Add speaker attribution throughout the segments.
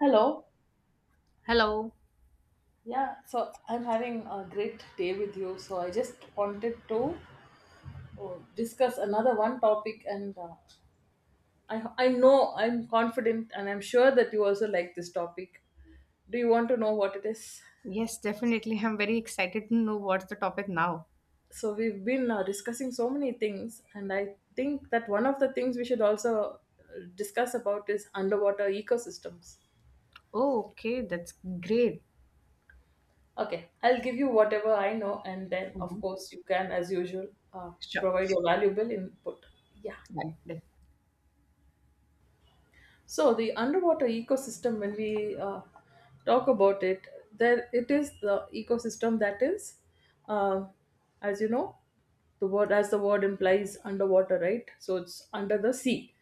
Speaker 1: Hello.
Speaker 2: Hello.
Speaker 1: Yeah, so I'm having a great day with you. So I just wanted to discuss another one topic, and I know I'm confident, and I'm sure that you also like this topic. Do you want to know what it is?
Speaker 2: Yes, definitely. I'm very excited to know what's the topic now.
Speaker 1: So we've been discussing so many things, and I think that one of the things we should also discuss about is underwater ecosystems.
Speaker 2: Oh, okay. That's great.
Speaker 1: Okay, I'll give you whatever I know, and then, of
Speaker 2: Mhm.
Speaker 1: course, you can, as usual, uh,
Speaker 2: Sure.
Speaker 1: provide your valuable input. Yeah.
Speaker 2: Right. Def-
Speaker 1: So the underwater ecosystem, when we talk about it, there it is the ecosystem that is, uh, as you know, the word implies, underwater, right? So it's under the sea.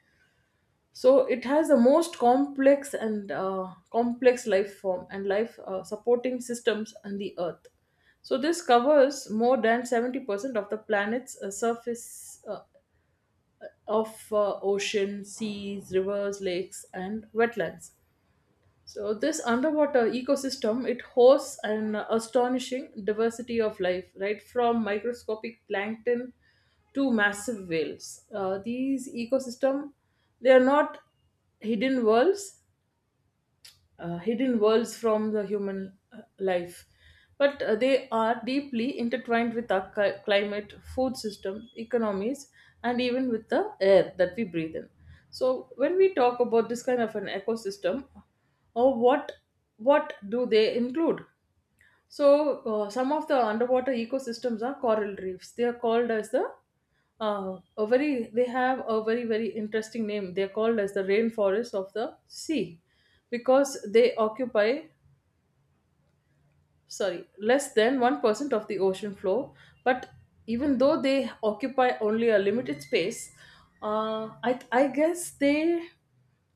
Speaker 1: So it has the most complex and complex life form and life supporting systems on the earth. So this covers more than 70% of the planet's surface of ocean, seas, rivers, lakes, and wetlands. So this underwater ecosystem, it hosts an astonishing diversity of life, right from microscopic plankton to massive whales. These ecosystem, they are not hidden worlds; hidden worlds from the human life. But they are deeply intertwined with our climate, food system, economies, and even with the air that we breathe in. So, when we talk about this kind of an ecosystem, or what do they include? So, some of the underwater ecosystems are coral reefs. They are called as the a very they have a very interesting name. They are called as the rainforest of the sea because they occupy, sorry, less than 1% of the ocean floor. But even though they occupy only a limited space, I guess they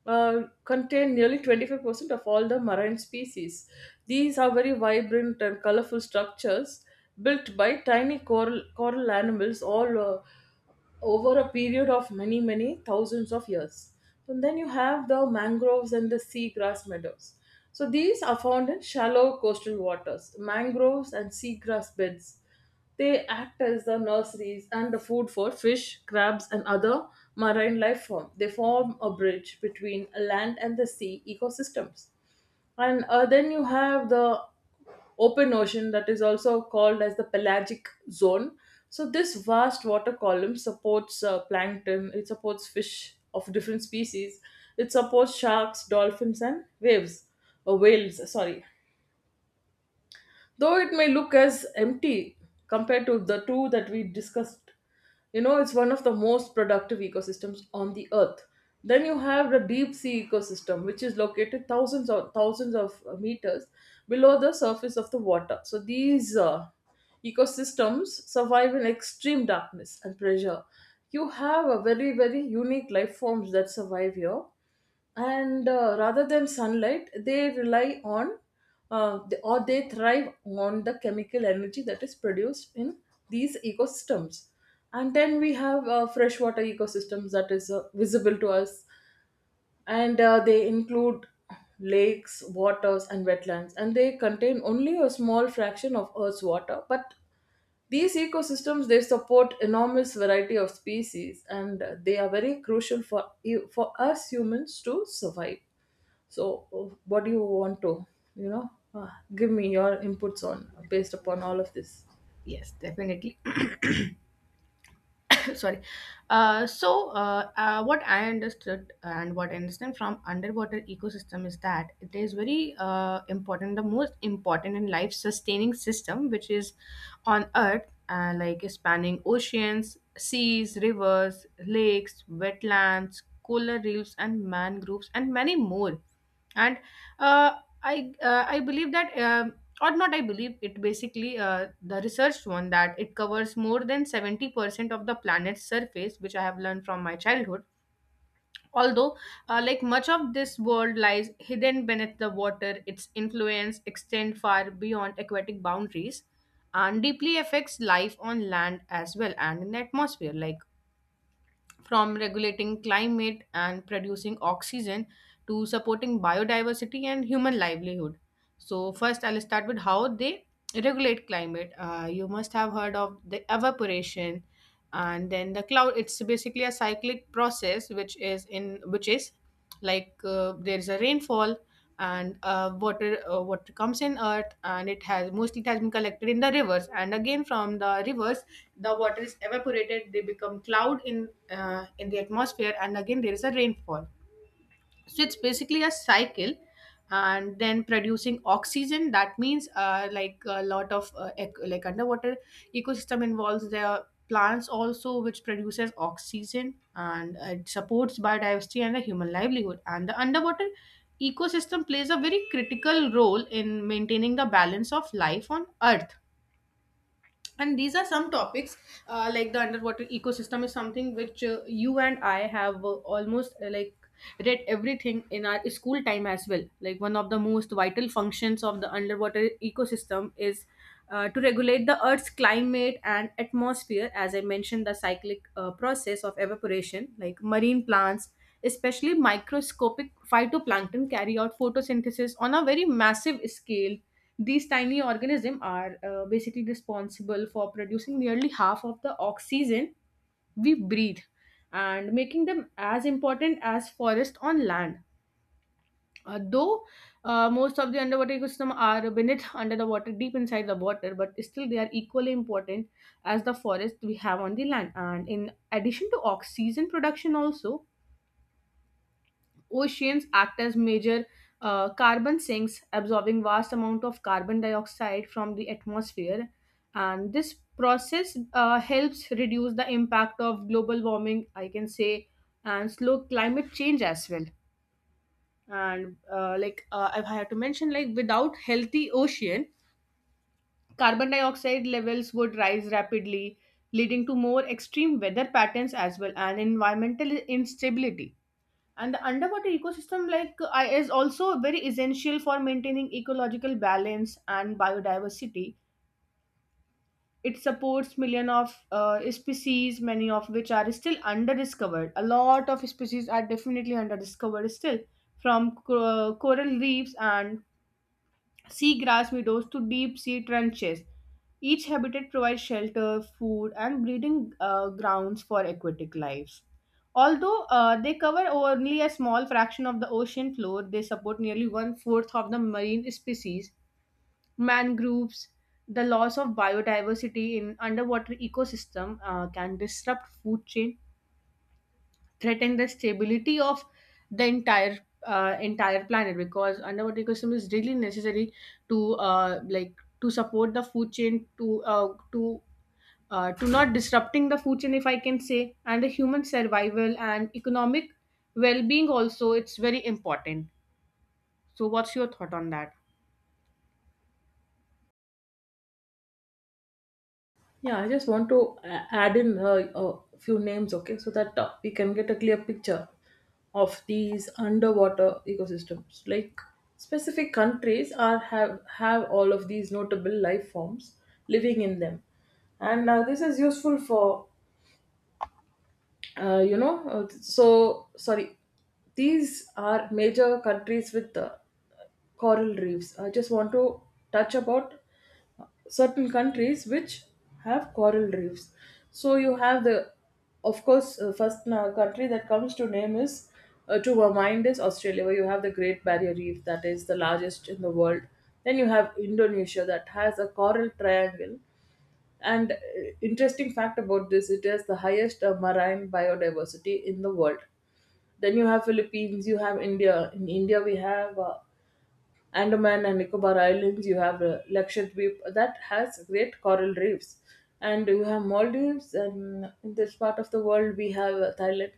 Speaker 1: contain nearly 25% of all the marine species. These are very vibrant and colorful structures built by tiny coral animals, all over a period of many thousands of years. And then you have the mangroves and the seagrass meadows. So these are found in shallow coastal waters. Mangroves and seagrass beds, they act as the nurseries and the food for fish, crabs, and other marine life form. They form a bridge between land and the sea ecosystems. And then you have the open ocean, that is also called as the pelagic zone. So this vast water column supports plankton, it supports fish of different species, it supports sharks, dolphins, and waves, or whales, sorry. Though it may look as empty compared to the two that we discussed, you know, it's one of the most productive ecosystems on the earth. Then you have the deep sea ecosystem, which is located thousands of meters below the surface of the water. So these ecosystems survive in extreme darkness and pressure. You have a very unique life forms that survive here. And rather than sunlight, they rely on, they thrive on the chemical energy that is produced in these ecosystems. And then we have freshwater ecosystems that is visible to us, and they include lakes, waters, and wetlands, and they contain only a small fraction of earth's water. But these ecosystems, they support enormous variety of species, and they are very crucial for you for us humans to survive. So, what do you want to, you know, uh, give me your inputs on based upon all of this?
Speaker 2: Yes, definitely. Sorry. What I understood and what I understand from underwater ecosystem is that it is very important, the most important in life sustaining system, which is on earth, like spanning oceans, seas, rivers, lakes, wetlands, coral reefs, and mangroves, and many more and uh, I believe that or not I believe it basically, the research one, that it covers more than 70% of the planet's surface, which I have learned from my childhood. Although, like much of this world lies hidden beneath the water, its influence extends far beyond aquatic boundaries and deeply affects life on land as well, and in the atmosphere, like from regulating climate and producing oxygen to supporting biodiversity and human livelihood. So, first, I'll start with how they regulate climate. You must have heard of the evaporation and then the cloud. It's basically a cyclic process, which is in which is like, there's a rainfall and, uh, water comes in earth and it has been collected in the rivers, and again from the rivers the water is evaporated. They become cloud in the atmosphere, and again there is a rainfall, so it's basically a cycle. And then producing oxygen, that means, like, a lot of underwater ecosystem involves the plants also, which produces oxygen. And it supports biodiversity and the human livelihood, and the underwater ecosystem plays a very critical role in maintaining the balance of life on earth. And these are some topics. Like, the underwater ecosystem is something which, you and I have, almost like, read everything in our school time as well. Like, one of the most vital functions of the underwater ecosystem is, to regulate the earth's climate and atmosphere. As I mentioned, the cyclic process of evaporation, like marine plants, especially microscopic phytoplankton, carry out photosynthesis on a very massive scale. These tiny organisms are, basically, responsible for producing nearly half of the oxygen we breathe, and making them as important as forest on land. Though most of the underwater ecosystems are beneath under the water, deep inside the water, but still they are equally important as the forest we have on the land. And in addition to oxygen production, also oceans act as major carbon sinks, absorbing vast amount of carbon dioxide from the atmosphere. And this process helps reduce the impact of global warming, I can say, and slow climate change as well. And I have to mention, like, without healthy ocean, carbon dioxide levels would rise rapidly, leading to more extreme weather patterns as well, and environmental instability. And the underwater ecosystem, like, is also very essential for maintaining ecological balance and biodiversity. It supports million of species, many of which are still underdiscovered. A lot of species are definitely underdiscovered still, from coral reefs and seagrass meadows to deep sea trenches. Each habitat provides shelter, food, and breeding grounds for aquatic life. Although, they cover only a small fraction of the ocean floor, they support nearly one fourth of the marine species. Mangroves, the loss of biodiversity in underwater ecosystem can disrupt food chain, threaten the stability of the entire planet, because underwater ecosystem is really necessary to like, to support the food chain, to not disrupting the food chain, if I can say, and the human survival and economic well-being also, it's very important. So what's your thought on that?
Speaker 1: Yeah, I just want to add in a few names, okay, so that we can get a clear picture of these underwater ecosystems. Like specific countries are have all of these notable life forms living in them, and this is useful for uh, you know. Uh, so sorry, these are major countries with coral reefs. I just want to touch about certain countries which have coral reefs. So you have the, of course, first country that comes to name is to our mind is Australia, where you have the Great Barrier Reef that is the largest in the world. Then you have Indonesia that has a coral triangle. And interesting fact about this, it has the highest marine biodiversity in the world. Then you have Philippines, you have India. In India, we have Andaman and Nicobar Islands, you have Lakshadweep that has great coral reefs, and you have Maldives, and in this part of the world we have Thailand.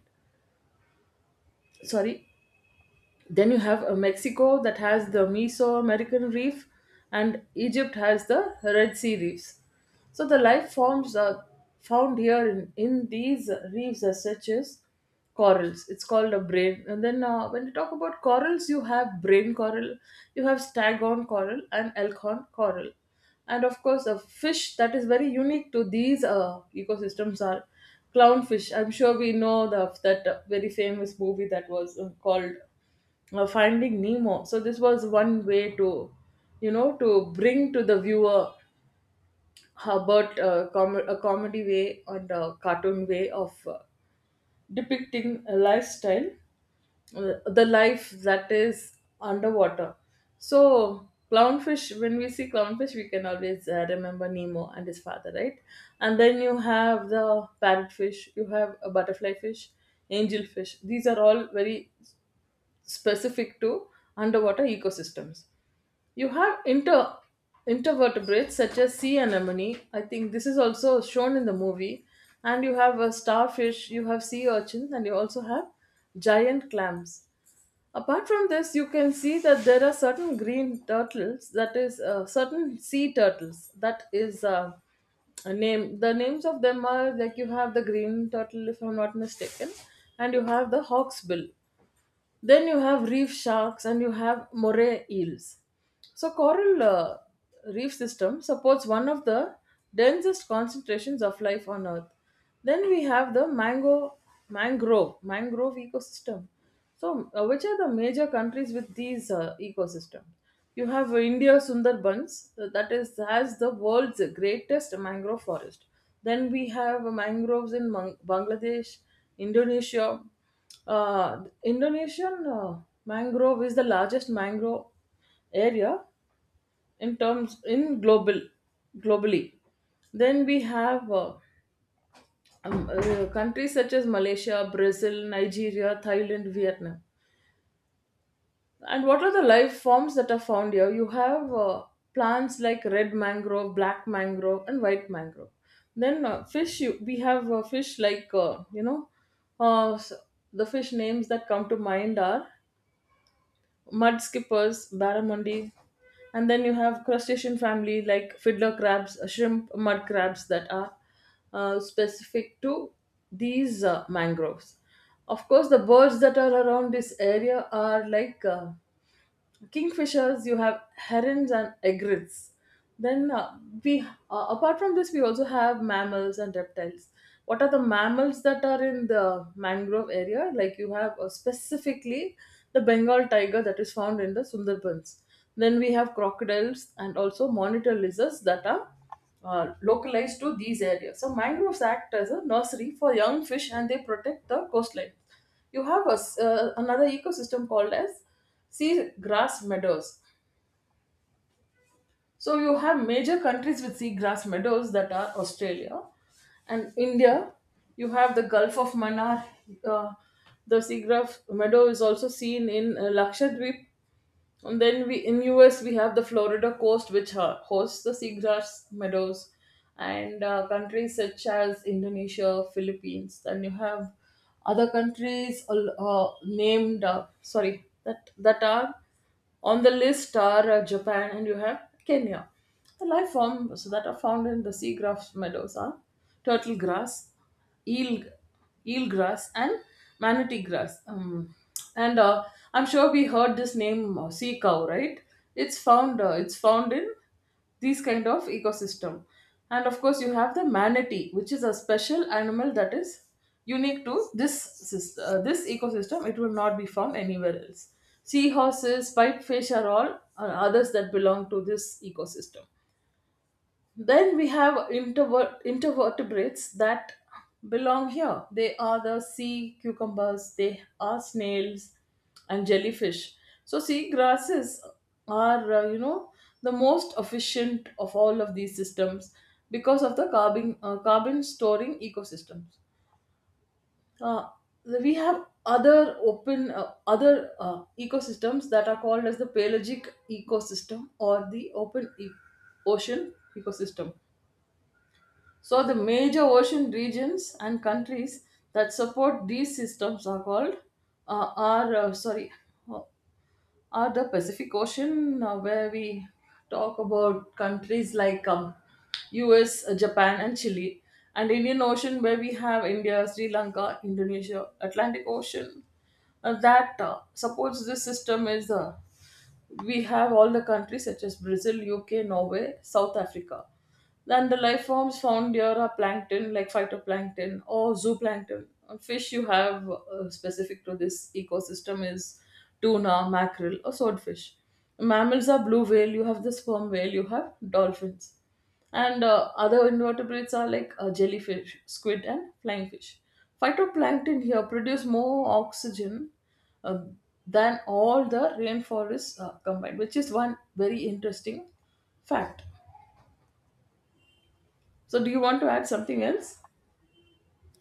Speaker 1: Sorry, then you have Mexico that has the Mesoamerican reef, and Egypt has the Red Sea reefs. So the life forms are found here in these reefs as such as corals, it's called a brain. And then when you talk about corals, you have brain coral, you have staghorn coral and elkhorn coral. And of course a fish that is very unique to these ecosystems are clownfish. I'm sure we know the, that very famous movie that was called Finding Nemo. So this was one way to, you know, to bring to the viewer about a comedy way and a cartoon way of depicting a lifestyle, the life that is underwater. So clownfish, when we see clownfish, we can always remember Nemo and his father, right? And then you have the parrotfish, you have a butterfly fish, angelfish. These are all very specific to underwater ecosystems. You have intervertebrates such as sea anemone. I think this is also shown in the movie. And you have a starfish, you have sea urchins, and you also have giant clams. Apart from this, you can see that there are certain green turtles, that is, certain sea turtles, that is a name. The names of them are, like, you have the green turtle, if I'm not mistaken, and you have the hawksbill, then you have reef sharks and you have moray eels. So coral reef system supports one of the densest concentrations of life on earth. Then we have the mango mangrove mangrove ecosystem. So which are the major countries with these ecosystems? You have India, Sundarbans, that is has the world's greatest mangrove forest. Then we have mangroves in Bangladesh, Indonesia. Indonesian mangrove is the largest mangrove area in terms in global, globally. Then we have countries such as Malaysia, Brazil, Nigeria, Thailand, Vietnam. And what are the life forms that are found here? You have plants like red mangrove, black mangrove, and white mangrove. Then we have fish like uh, s- the fish names that come to mind are mud skippers, barramundi, and then you have crustacean family like fiddler crabs, shrimp, mud crabs that are specific to these mangroves. Of course, the birds that are around this area are like kingfishers, you have herons and egrets. Then we apart from this we also have mammals and reptiles. What are the mammals that are in the mangrove area? Like, you have specifically the Bengal tiger that is found in the Sundarbans. Then we have crocodiles and also monitor lizards that are localized to these areas. So mangroves act as a nursery for young fish and they protect the coastline. You have a s another ecosystem called as seagrass meadows. So you have major countries with seagrass meadows that are Australia and India. You have the Gulf of Manar. Uh, the seagrass meadow is also seen in Lakshadweep, and then we, in US, we have the Florida coast, which hosts the seagrass meadows, and countries such as Indonesia, Philippines. Then you have other countries named, sorry that are on the list are Japan, and you have Kenya. The life forms that are found in the seagrass meadows are turtle grass, eel eel grass, and manatee grass. And I'm sure we heard this name, sea cow, right? It's found it's found in these kind of ecosystem. And of course you have the manatee, which is a special animal that is unique to this this ecosystem. It will not be found anywhere else. Seahorses, pipefish are all are others that belong to this ecosystem. Then we have intervertebrates that belong here. They are the sea cucumbers, they are snails and jellyfish. So, sea grasses are, the most efficient of all of these systems because of the carbon, carbon storing ecosystems. Uh, we have other open other ecosystems that are called as the pelagic ecosystem or the ocean ecosystem. So the major ocean regions and countries that support these systems are called uh, are uh, sorry uh, are the Pacific Ocean, where we talk about countries like U.S., Japan, and Chile, and Indian Ocean, where we have India, Sri Lanka, Indonesia, Atlantic Ocean. That supports this system is we have all the countries such as Brazil, UK, Norway, South Africa. Then the life forms found here are plankton, like phytoplankton or zooplankton. Fish you have specific to this ecosystem is tuna, mackerel, or swordfish. Mammals are blue whale, you have the sperm whale, you have dolphins. And Other invertebrates are like jellyfish, squid, and flying fish. Phytoplankton here produce more oxygen uh, than all the rainforests combined, which is one very interesting fact. So, do you want to add something else?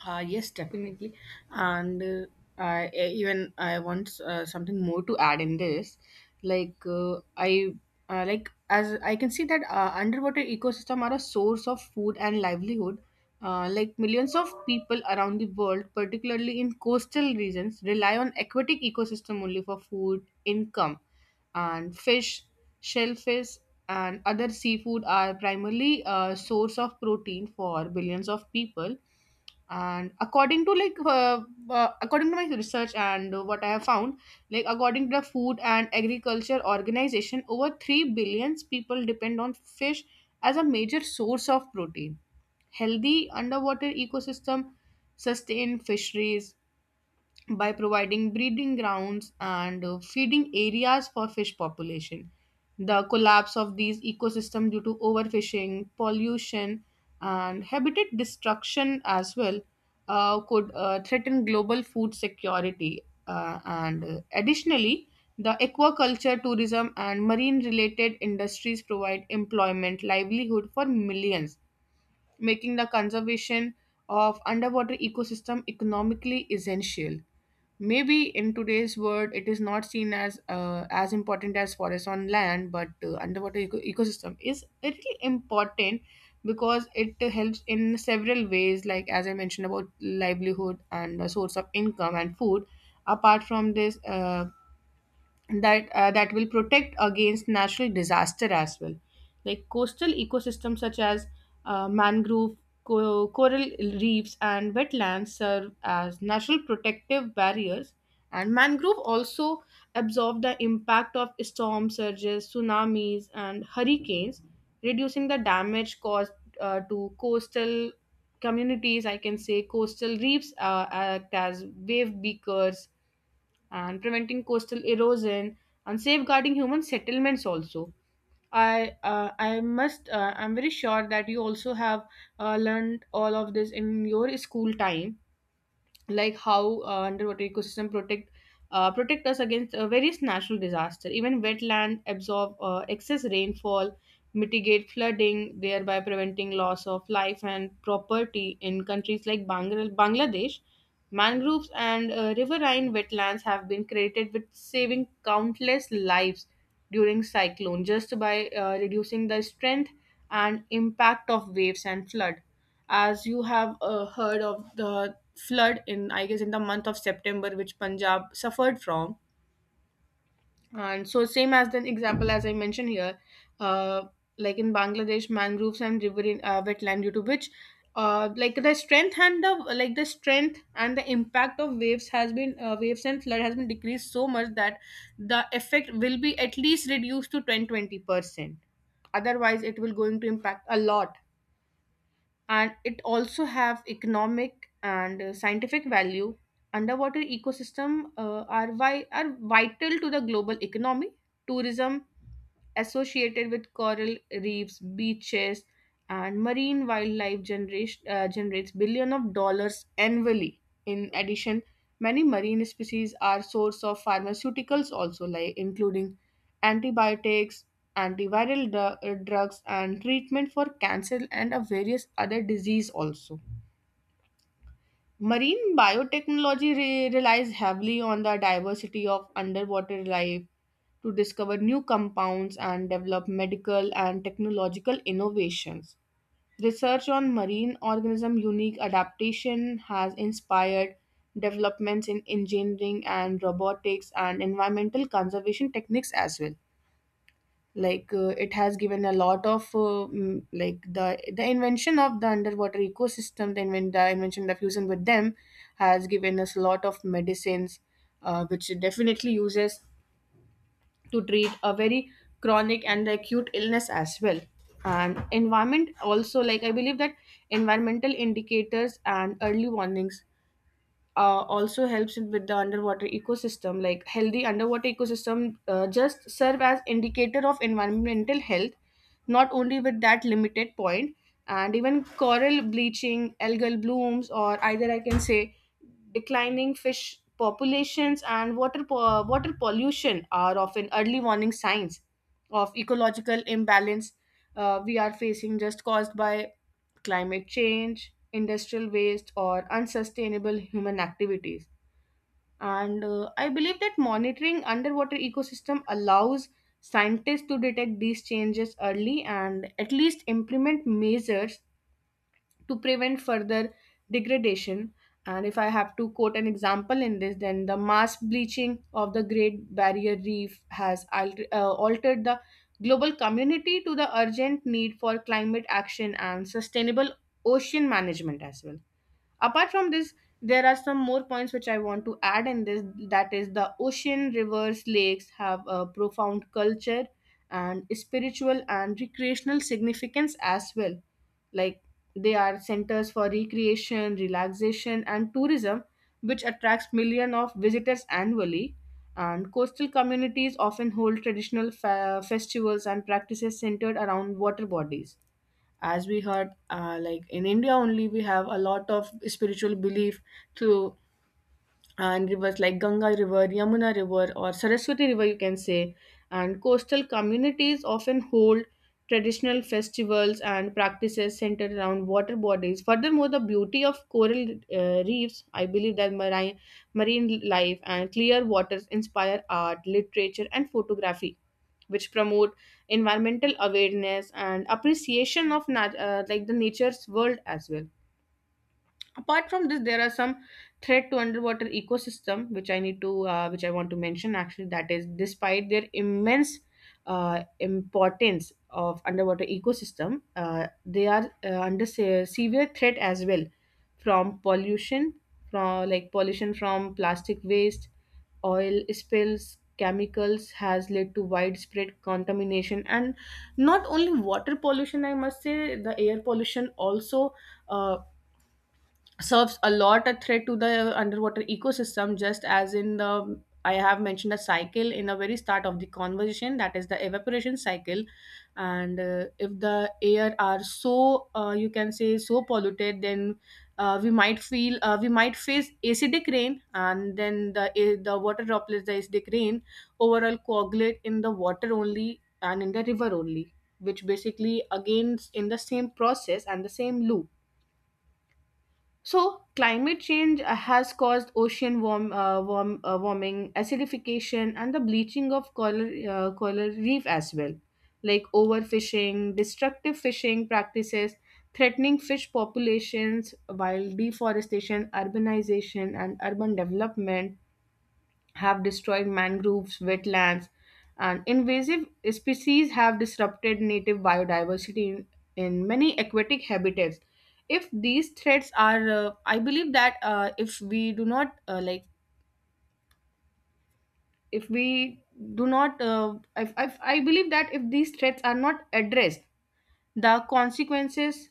Speaker 2: Yes, definitely. And even I want something more to add in this. Like, I like, as I can see that, underwater ecosystem are a source of food and livelihood. Like, millions of people around the world, particularly in coastal regions, rely on aquatic ecosystem only, for food, income, and fish, shellfish, and other seafood are primarily a source of protein for billions of people. And according to my research and what I have found, like, according to the Food and Agriculture Organization, over 3 billion people depend on fish as a major source of protein. Healthy underwater ecosystem sustain fisheries by providing breeding grounds and, feeding areas for fish population. The collapse of these ecosystems due to overfishing, pollution, and habitat destruction as well, could threaten global food security. And Additionally, the aquaculture, tourism, and marine related industries provide employment, livelihood for millions, making the conservation of underwater ecosystem economically essential. Maybe in today's world it is not seen as, as important as forest on land, but, underwater ecosystem is really important, because it helps in several ways, like, as I mentioned, about livelihood and a source of income and food. Apart from this, that will protect against natural disaster as well. Like, coastal ecosystems such as, mangrove, coral reefs, and wetlands serve as natural protective barriers, and mangrove also absorb the impact of storm surges, tsunamis, and hurricanes, reducing the damage caused to coastal communities, I can say. Coastal reefs act as wave beakers and preventing coastal erosion and safeguarding human settlements also. I'm very sure that you also have, learned all of this in your school time, like how underwater ecosystem protect us against, various natural disaster. Even wetland absorb excess rainfall, mitigate flooding, thereby preventing loss of life and property in countries like Bangladesh. Mangroves and, riverine wetlands have been credited with saving countless lives during cyclone, just by, reducing the strength and impact of waves and flood. As you have, heard of the flood in, I guess in the month of September, which Punjab suffered from, and so same as the example as I mentioned here. uh, like, in Bangladesh, mangroves and riverine wetland, due to which, like, the strength and the impact of waves and flood has been decreased so much that the effect will be at least reduced to 10 to 20 percent, otherwise it will going to impact a lot. And it also have economic and, scientific value. Underwater ecosystem are are vital to the global economy. Tourism associated with coral reefs, beaches, and marine wildlife generation generates billion of dollars annually. In addition, many marine species are source of pharmaceuticals also, like including antibiotics, antiviral drugs, and treatment for cancer and a various other disease also. Marine biotechnology relies heavily on the diversity of underwater life to discover new compounds and develop medical and technological innovations. Research on marine organism unique adaptation has inspired developments in engineering and robotics and environmental conservation techniques as well. Like, it has given a lot of, mm, like the invention of the underwater ecosystem, the invention, the fusion with them, has given us a lot of medicines, which it definitely uses to treat a very chronic and acute illness as well. And environment also, like, I believe that environmental indicators and early warnings, also helps with the underwater ecosystem, like healthy underwater ecosystem just serve as indicator of environmental health, not only with that limited point. And even coral bleaching, algal blooms, or, either I can say, declining fish populations and water pollution are often early warning signs of ecological imbalance we are facing, just caused by climate change, industrial waste, or unsustainable human activities. And, I believe that monitoring underwater ecosystem allows scientists to detect these changes early and at least implement measures to prevent further degradation. And if I have to quote an example in this, then the mass bleaching of the Great Barrier Reef has altered the global community to the urgent need for climate action and sustainable ocean management as well. Apart from this, there are some more points which I want to add in this, that is, the ocean, rivers, lakes have a profound culture and spiritual and recreational significance as well. Like, they are centers for recreation, relaxation, and tourism, which attracts millions of visitors annually. And coastal communities often hold traditional festivals and practices centered around water bodies, as we heard. Like, in India only, we have a lot of spiritual belief through, and rivers like Ganga River, Yamuna River, or Saraswati River, you can say. And coastal communities often hold traditional festivals and practices centered around water bodies. Furthermore, the beauty of coral reefs, I believe that marine life and clear waters inspire art, literature, and photography, which promote environmental awareness and appreciation of like, the nature's world as well. Apart from this, there are some threat to underwater ecosystem which I need to, which I want to mention actually, that is, despite their immense, importance of underwater ecosystem, they are, under severe threat as well, from pollution, from, like, pollution from plastic waste, oil spills, chemicals, has led to widespread contamination. And not only water pollution, I must say, the air pollution also, uh, serves a lot a threat to the underwater ecosystem, just as, in the, I have mentioned a cycle in the very start of the conversation, that is the evaporation cycle. And, if the air are so, you can say, so polluted, then, we might face acidic rain, and then the water droplets, the acidic rain overall coagulate in the water only and in the river only, which basically again in the same process and the same loop. So, climate change has caused ocean warming, acidification, and the bleaching of coral reef as well, like overfishing, destructive fishing practices, threatening fish populations, while deforestation, urbanization, and urban development have destroyed mangroves, wetlands, and invasive species have disrupted native biodiversity in many aquatic habitats. If these threats I believe that, if we do not like, if we do not, if, I believe that if these threats are not addressed, the consequences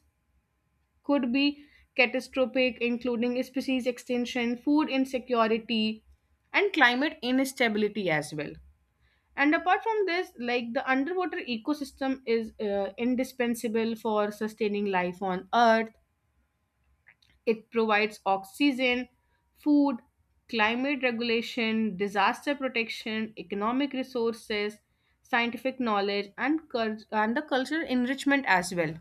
Speaker 2: could be catastrophic, including species extinction, food insecurity, and climate instability as well. And apart from this, like, the underwater ecosystem is, indispensable for sustaining life on Earth. It provides oxygen, food, climate regulation, disaster protection, economic resources, scientific knowledge, and the cultural enrichment as well.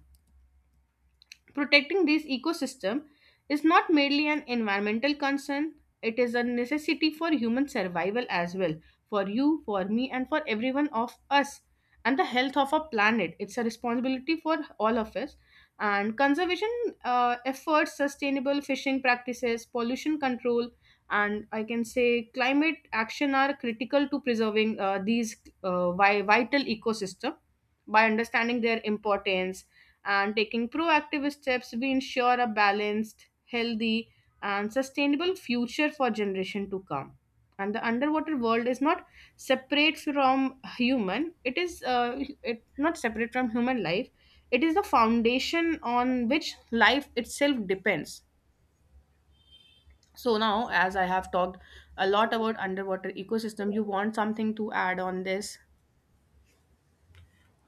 Speaker 2: Protecting these ecosystem is not merely an environmental concern, it is a necessity for human survival as well, for you, for me, and for everyone of us. And the health of our planet, it's a responsibility for all of us. And conservation efforts, sustainable fishing practices, pollution control, and I can say climate action are critical to preserving these, vital ecosystem. By understanding their importance and taking proactive steps, we ensure a balanced, healthy, and sustainable future for generation to come. And the underwater world is not separate from human. It not separate from human life. It is the foundation on which life itself depends. So now, as I have talked a lot about underwater ecosystem, you want something to add on this?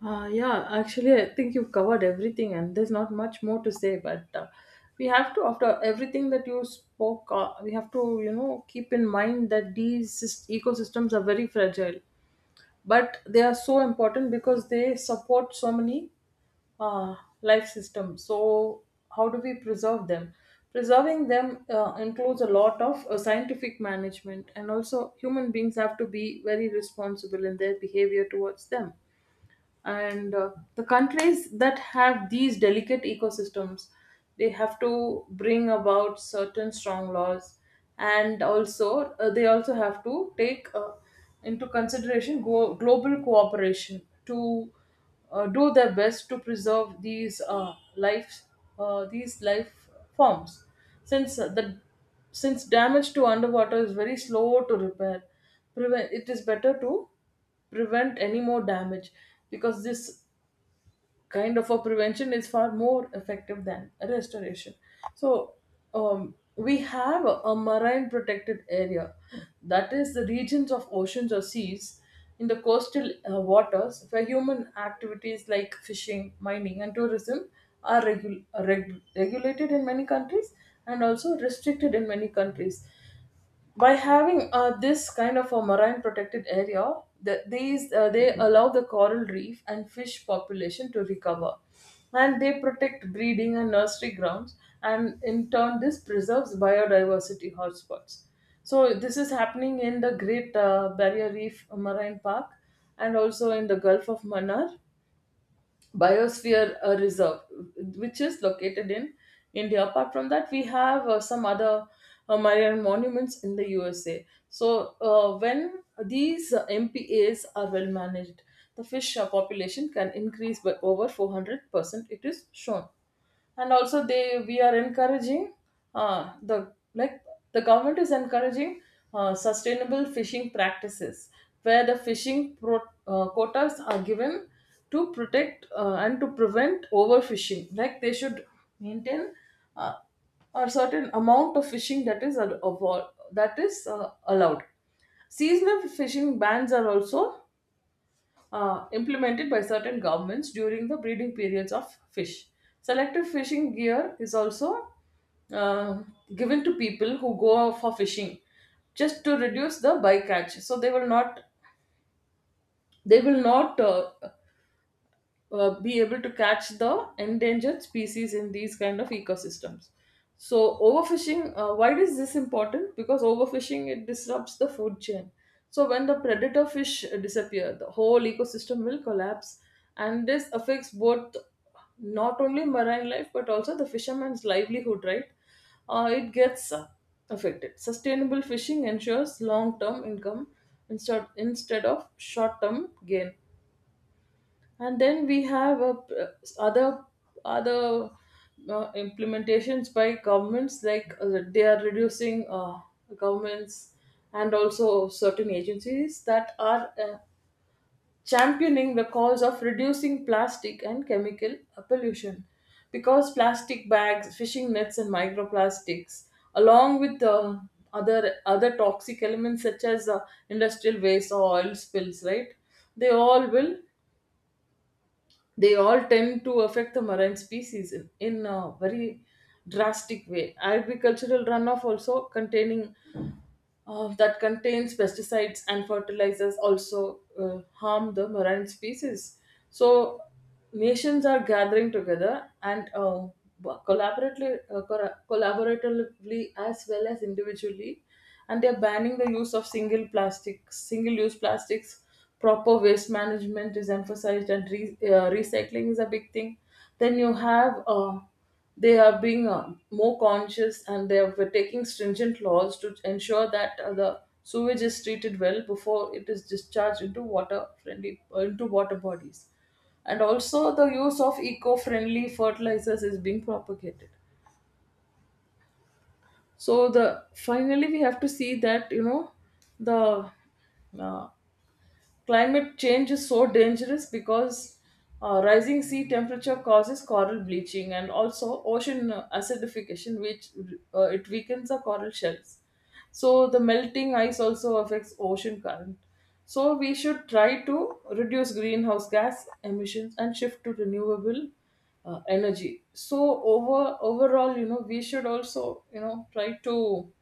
Speaker 1: Yeah, actually, I think you've covered everything, and there's not much more to say. But we have to, after everything that you spoke, we have to, you know, keep in mind that these ecosystems are very fragile, but they are so important because they support so many uh, life systems. So, how do we preserve them? Preserving them includes a lot of scientific management, and also human beings have to be very responsible in their behavior towards them. And The countries that have these delicate ecosystems, they have to bring about certain strong laws, and also they also have to take into consideration global cooperation to do their best to preserve these life these life forms. Since uh, the since damage to underwater is very slow to repair, prevent it is better to prevent any more damage, because this kind of a prevention is far more effective than a restoration. So we have a marine protected area, that is the regions of oceans or seas in the coastal waters where human activities like fishing, mining, and tourism are regulated in many countries and also restricted in many countries. By having this kind of a marine protected area, they allow the coral reef and fish population to recover, and they protect breeding and nursery grounds, and in turn this preserves biodiversity hotspots. So this is happening in the Great Barrier Reef Marine Park, and also in the Gulf of Manar Biosphere Reserve, which is located in India. Apart from that, we have some other marine monuments in the USA. So when these MPAs are well managed, the fish population can increase by over 400%, it is shown. And also, they we are encouraging uh, the like the government is encouraging sustainable fishing practices, where the quotas are given to protect and to prevent overfishing. Like, they should maintain uh, a certain amount of fishing that is allowed. Seasonal fishing bans are also implemented by certain governments during the breeding periods of fish. Selective fishing gear is also uh, given to people who go for fishing, just to reduce the bycatch, so they will not, they will not uh, be able to catch the endangered species in these kind of ecosystems. So overfishing, why is this important? Because overfishing, it disrupts the food chain. So when the predator fish disappear, the whole ecosystem will collapse. And this affects both not only marine life but also the fisherman's livelihood, right? It gets affected. Sustainable fishing ensures long term income instead of short term gain. And then we have p- other other implementations by governments. Like they are reducing Governments and also certain agencies that are championing the cause of reducing plastic and chemical pollution, because plastic bags, fishing nets, and microplastics, along with other toxic elements such as industrial waste or oil spills, right, they all tend to affect the marine species in a very drastic way. Agricultural runoff also containing that contains pesticides and fertilizers also harm the marine species. So nations are gathering together and, collaboratively, collaboratively as well as individually, and they are banning the use of single plastics, single-use plastics. Proper waste management is emphasized, and recycling is a big thing. Then you have they are being more conscious and they are taking stringent laws to ensure that the sewage is treated well before it is discharged into water friendly into water bodies. And also the use of eco-friendly fertilizers is being propagated. So, the finally, we have to see that, you know, the uh, climate change is so dangerous because rising sea temperature causes coral bleaching and also ocean acidification, which it weakens the coral shells. So the melting ice also affects ocean current. So we should try to reduce greenhouse gas emissions and shift to renewable energy. So overall, you know, we should also, you know, try to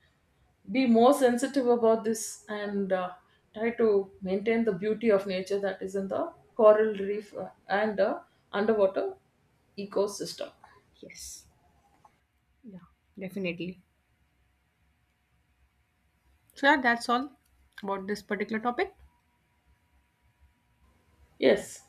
Speaker 1: be more sensitive about this and try to maintain the beauty of nature that is in the coral reef and underwater ecosystem.
Speaker 2: Yes. Yeah, definitely. So yeah, that's all about this particular topic.
Speaker 1: Yes.